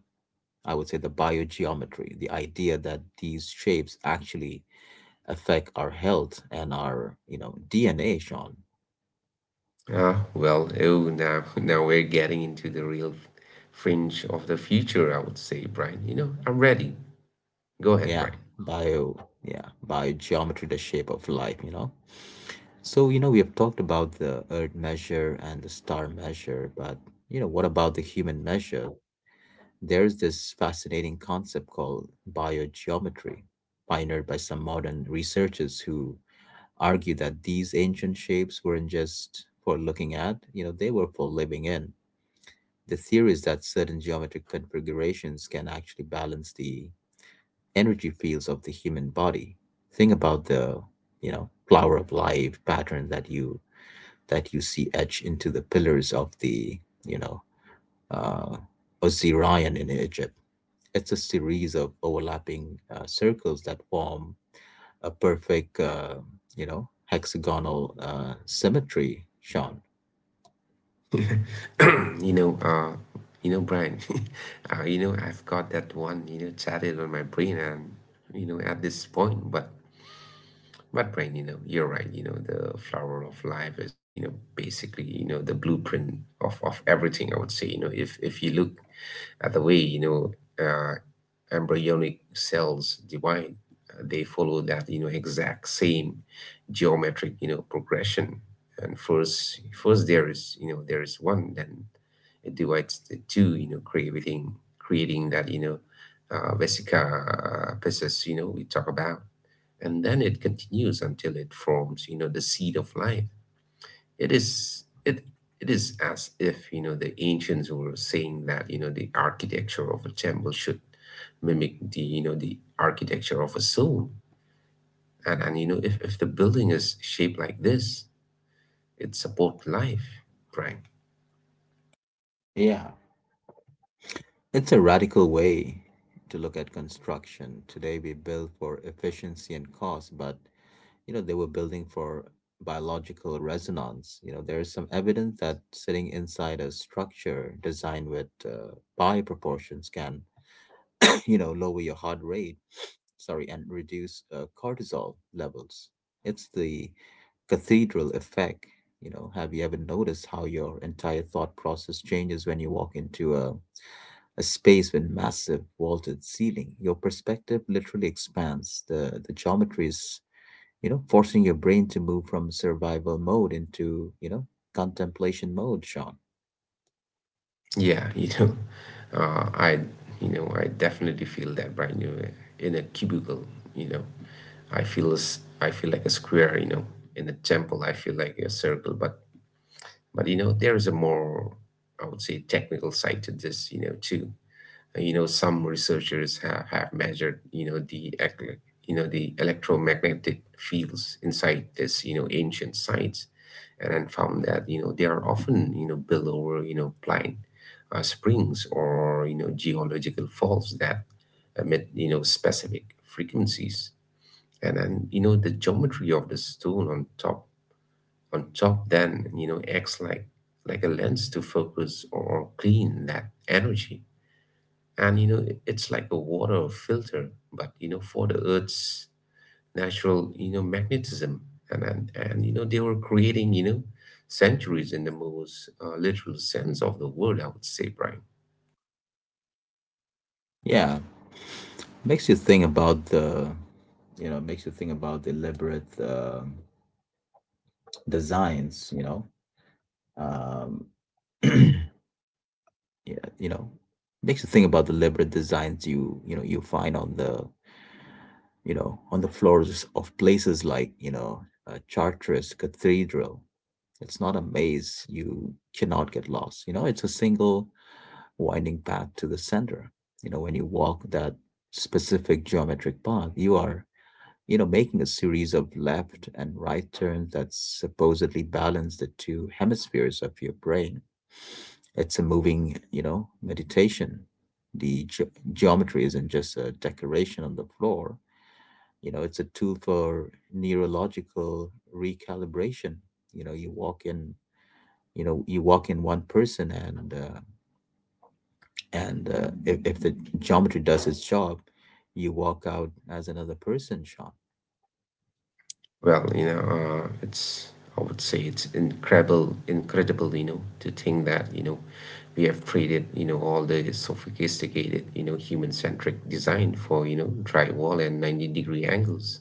A: I would say the biogeometry, the idea that these shapes actually affect our health and our, you know, DNA, Sean.
B: Ah, well, oh, now [laughs] now we're getting into the real fringe of the future, I would say, Brian. I'm ready. Go ahead,
A: Yeah,
B: Brian.
A: bio, yeah, biogeometry, the shape of life, you know. So, you know, we have talked about the earth measure and the star measure, but, you know, what about the human measure? There's this fascinating concept called biogeometry, pioneered by some modern researchers who argue that these ancient shapes weren't just for looking at, you know, they were for living in. The theory is that certain geometric configurations can actually balance the energy fields of the human body. Think about the you know flower of life pattern that you see etched into the pillars of the you know uh, Osirian in Egypt. It's a series of overlapping circles that form a perfect you know hexagonal symmetry. Sean,
B: [clears throat] you know uh Brian, [laughs] I've got that one, chatted on my brain, and at this point. But right, you're right. The flower of life is, basically, the blueprint of everything. I would say, if you look the way, uh, embryonic cells divide, they follow that, exact same geometric, progression. And first there is, one, then it divides the two, creating that, vesica piscis. We talk about, and then it continues until it forms, the seed of life. it is it it is as if, the ancients were saying that, the architecture of a temple should mimic the, the architecture of a soul. And if the building is shaped like this, it supports life, Brian.
A: yeah, it's a radical way to look at construction. Today we build for efficiency and cost, but you know they were building for biological resonance. You know, there is some evidence that sitting inside a structure designed with pi proportions can [coughs] [clears throat] you know lower your heart rate, sorry, and reduce cortisol levels. It's the cathedral effect. You know, have you ever noticed how your entire thought process changes when you walk into a space with massive vaulted ceiling? Your perspective literally expands. The geometry is, you know, forcing your brain to move from survival mode into, you know, contemplation mode, Sean.
B: Yeah, [laughs] uh, I, I definitely feel that, right? In a cubicle, you know, I feel, I feel like a square, in a temple, I feel like a circle. But there is a more, I would say, technical side to this, too. Some researchers have measured, the, the electromagnetic fields inside this, ancient sites, and then found that, they are often, built over, blind springs, or, geological faults that emit, specific frequencies, and then you know the geometry of the stone on top then, acts like a lens to focus or clean that energy. And it's like a water filter, but, for the earth's natural, magnetism. And they were creating, centuries in the most literal sense of the word, I would say, Brian.
A: Yeah, makes you think about the, you know, makes you think about deliberate designs, you know, um, [clears throat] yeah, you know, makes you think about the deliberate designs you find on the you know on the floors of places like you know Chartres Cathedral. It's not a maze; you cannot get lost. You know, it's a single winding path to the center. You know, when you walk that specific geometric path, you are you know making a series of left and right turns that supposedly balance the two hemispheres of your brain. It's a moving, you know, meditation. The geometry isn't just a decoration on the floor. You know, it's a tool for neurological recalibration. You know, you walk in, you know, you walk in one person, and if the geometry does its job, you walk out as another person, Sean.
B: Well, it's, I would say it's incredible, to think that, we have traded, all the sophisticated, human-centric design for, drywall and 90-degree angles.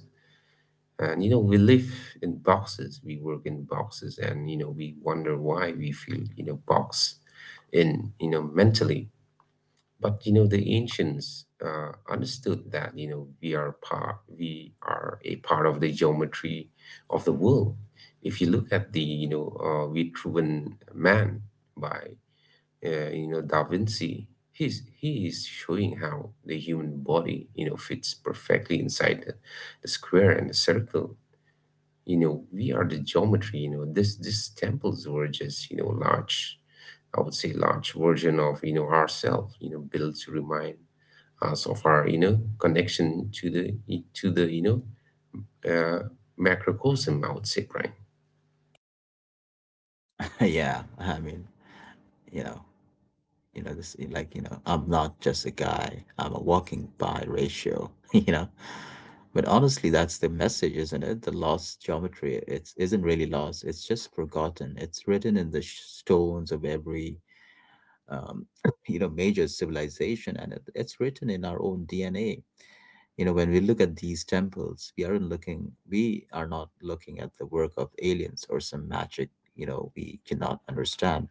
B: And we live in boxes, we work in boxes, and, we wonder why we feel, boxed in, mentally. But the ancients understood that, we are a part of the geometry of the world. If you look at the, Vitruvian Man by Da Vinci, he is showing how the human body, fits perfectly inside the square and the circle. We are the geometry. You know, this these temples were just large, I would say large version of ourself, you know, built to remind so far connection to the to the you know uh, macrocosm, I would say, Brian.
A: [laughs] Yeah, I mean, you know, you know, this like you know, I'm not just a guy. I'm a walking by ratio. [laughs] You know. But honestly, that's the message, isn't it? The lost geometry, it isn't really lost. It's just forgotten. It's written in the stones of every, um, [coughs] [clears throat] you know, major civilization, and it's written in our own DNA. You know, when we look at these temples, we aren't looking. We are not looking at the work of aliens or some magic. You know, we cannot understand.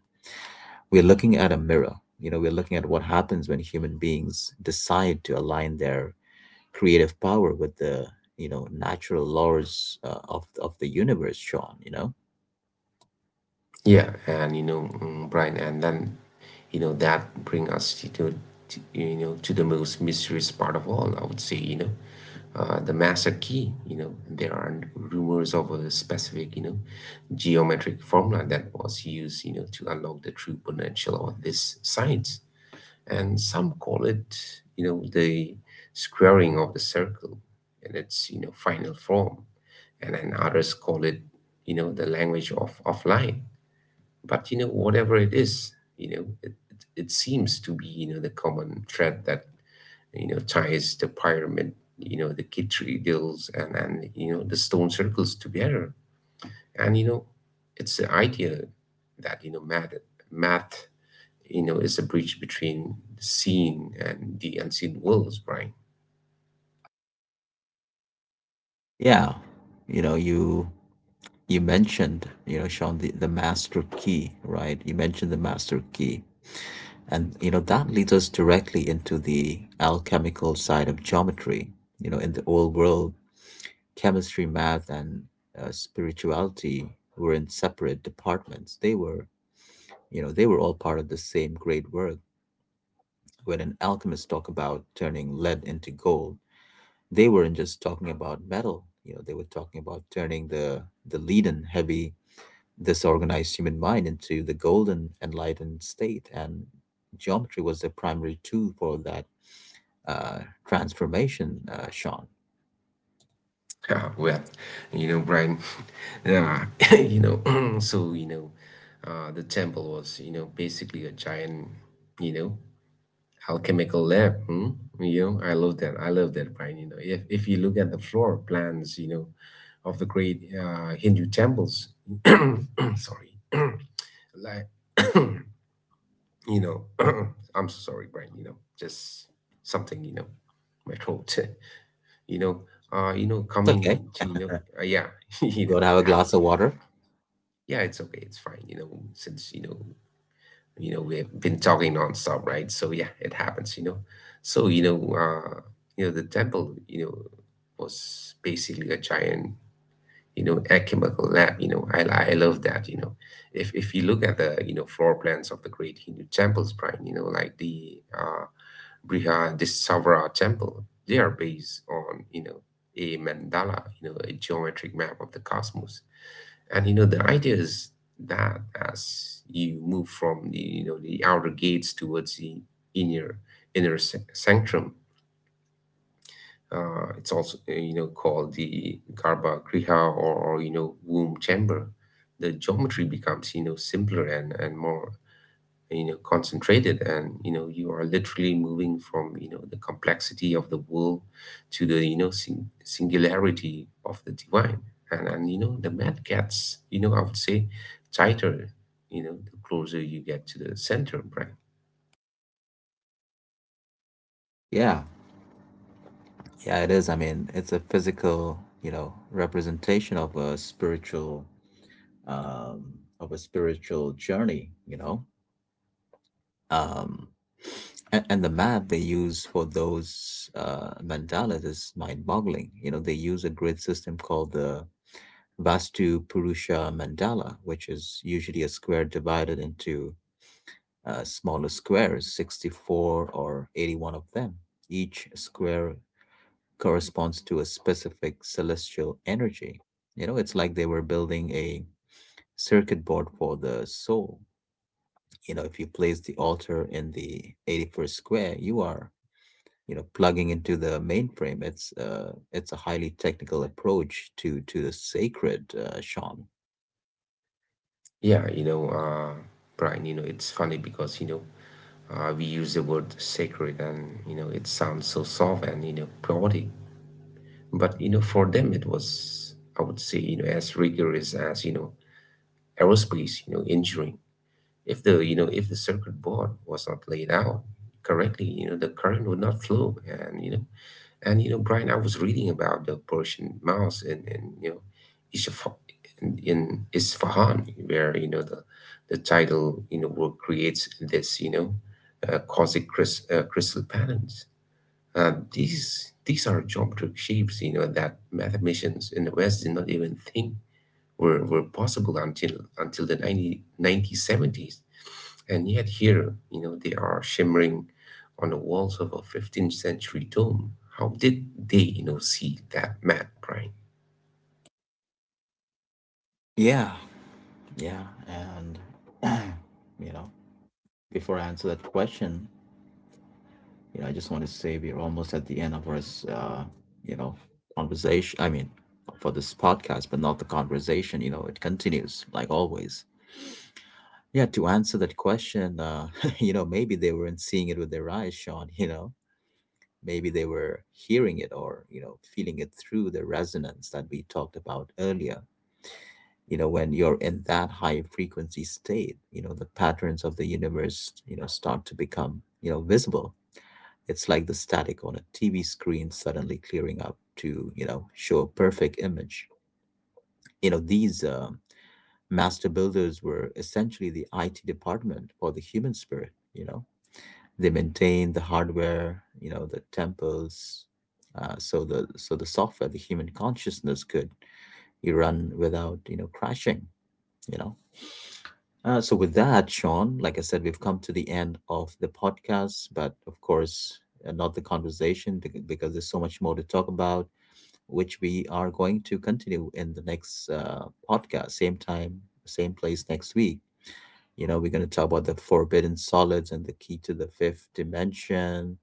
A: We're looking at a mirror. You know, we're looking at what happens when human beings decide to align their creative power with the you know natural laws of the universe, Sean. You know,
B: Yeah. and you know mm, Brian, and then that bring us you to to the most mysterious part of all, I would say. The master key. There are rumors of a specific geometric formula that was used to unlock the true potential of this science. And some call it the squaring of the circle in its final form, and then others call it the language of offline. But whatever it is, it seems to be the common thread that ties the pyramid, the kid tree deals, and the stone circles together. And it's the idea that math, is a bridge between the seen and the unseen worlds, Brian. [laughs]
A: yeah, you know, you mentioned, you know, Sean, the master key, right? You mentioned the master key, and you know that leads us directly into the alchemical side of geometry. You know, in the old world, chemistry, math, and spirituality were in separate departments. They were, you know, they were all part of the same great work. When an alchemist talk about turning lead into gold, they weren't just talking about metal. You know, they were talking about turning the leaden, heavy, disorganized human mind into the golden, enlightened state. And geometry was the primary tool for that uh, transformation. Sean,
B: Ah, well, Brian, [laughs] yeah, [laughs] you know, [clears throat] so, the temple was, basically a giant, you know, alchemical lab. Hmm? You know, I love that. I love that, Brian. If you look at the floor plans, of the great Hindu temples, [clears throat] sorry, [clears throat] like [coughs] you know, [clears throat] I'm so sorry, Brian, just something, my throat, [laughs] you know,
A: it's okay.
B: coming to, yeah, [laughs]
A: You want to have
B: it
A: a glass
B: happens,
A: of water?
B: yeah, it's okay, it's fine, you know, since, you know, we have been talking nonstop, right? So yeah, it happens, so, you know, uh, the temple, was basically a giant, alchemical lab. I love that. If you look at the floor plans of the great Hindu temples, Brian, like the Brihadisavara temple. They are based on, a mandala, a geometric map of the cosmos. And the idea is that as you move from the, the outer gates towards the inner inner sanctum, it's also called the garba griha, or, or womb chamber. The geometry becomes simpler and more concentrated, and you are literally moving from the complexity of the world to the singularity of the divine. And the mat gets I would say, tighter the closer you get to the center, Brian.
A: Yeah, yeah, it is. I mean, it's a physical, you know, representation um, of a spiritual journey. You know, Um, and the map they use for those mandalas is mind-boggling. You know, they use a grid system called the Vastu Purusha Mandala, which is usually a square divided into smaller squares, 64 or 81 of them. Each square corresponds to a specific celestial energy. You know, it's like they were building a circuit board for the soul. You know, if you place the altar in the 81st square, you are you know plugging into the mainframe. It's a highly technical approach to the sacred, Sean.
B: yeah you know uh Brian, it's funny because we use the word sacred and it sounds so soft and poetic, but for them it was, I would say, as rigorous as aerospace, engineering. If the circuit board was not laid out correctly, the current would not flow. And Brian, I was reading about the Persian mouse Ishaf- in Isfahan, where the tidal work creates this cosmic crystal patterns. These are geometric shapes, that mathematicians in the West did not even think were possible until the 90, and yet here, they are shimmering on the walls of a 15th century tomb. How did they, see that map, Brian?
A: Yeah, yeah, and [clears throat] you know, before I answer that question, you know, I just want to say we're almost at the end of our you know conversation. I mean, for this podcast, but not the conversation. You know, it continues like always. Yeah, to answer that question, [laughs] you know, maybe they weren't seeing it with their eyes, Sean. You know, maybe they were hearing it, or you know, feeling it through the resonance that we talked about earlier. You know, when you're in that high frequency state, you know, the patterns of the universe, you know, start to become, you know, visible. It's like the static on a TV screen suddenly clearing up to you know show a perfect image. You know, these master builders were essentially the IT department for the human spirit. You know, they maintain the hardware, you know, the temples. So the so the software, the human consciousness could you run without you know crashing. You know. So with that, Sean, like I said, we've come to the end of the podcast, but of course, not the conversation because there's so much more to talk about, which we are going to continue in the next podcast, same time, same place next week. You know, we're going to talk about the forbidden solids and the key to the fifth dimension,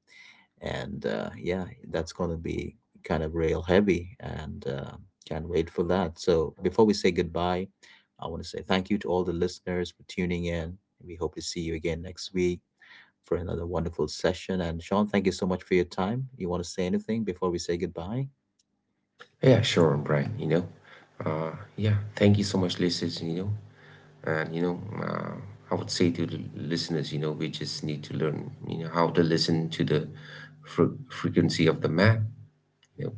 A: and yeah, that's going to be kind of real heavy, and can't wait for that. So before we say goodbye, I want to say thank you to all the listeners for tuning in. We hope to see you again next week for another wonderful session. And Sean, thank you so much for your time. You want to say anything before we say goodbye?
B: Yeah, sure, Brian. Yeah, thank you so much, listeners. And, you know, uh, I would say to the listeners, we just need to learn, how to listen to the frequency of the map. You know,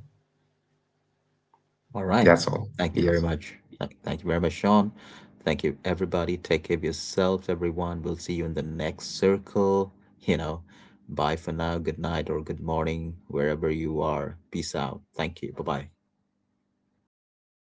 A: All right.
B: that's all.
A: Thank you
B: Yeah.
A: very much. Thank you very much, Sean. Thank you, everybody. Take care of yourselves, everyone. We'll see you in the next circle. You know, bye for now. Good night or good morning, wherever you are. Peace out. Thank you. Bye bye.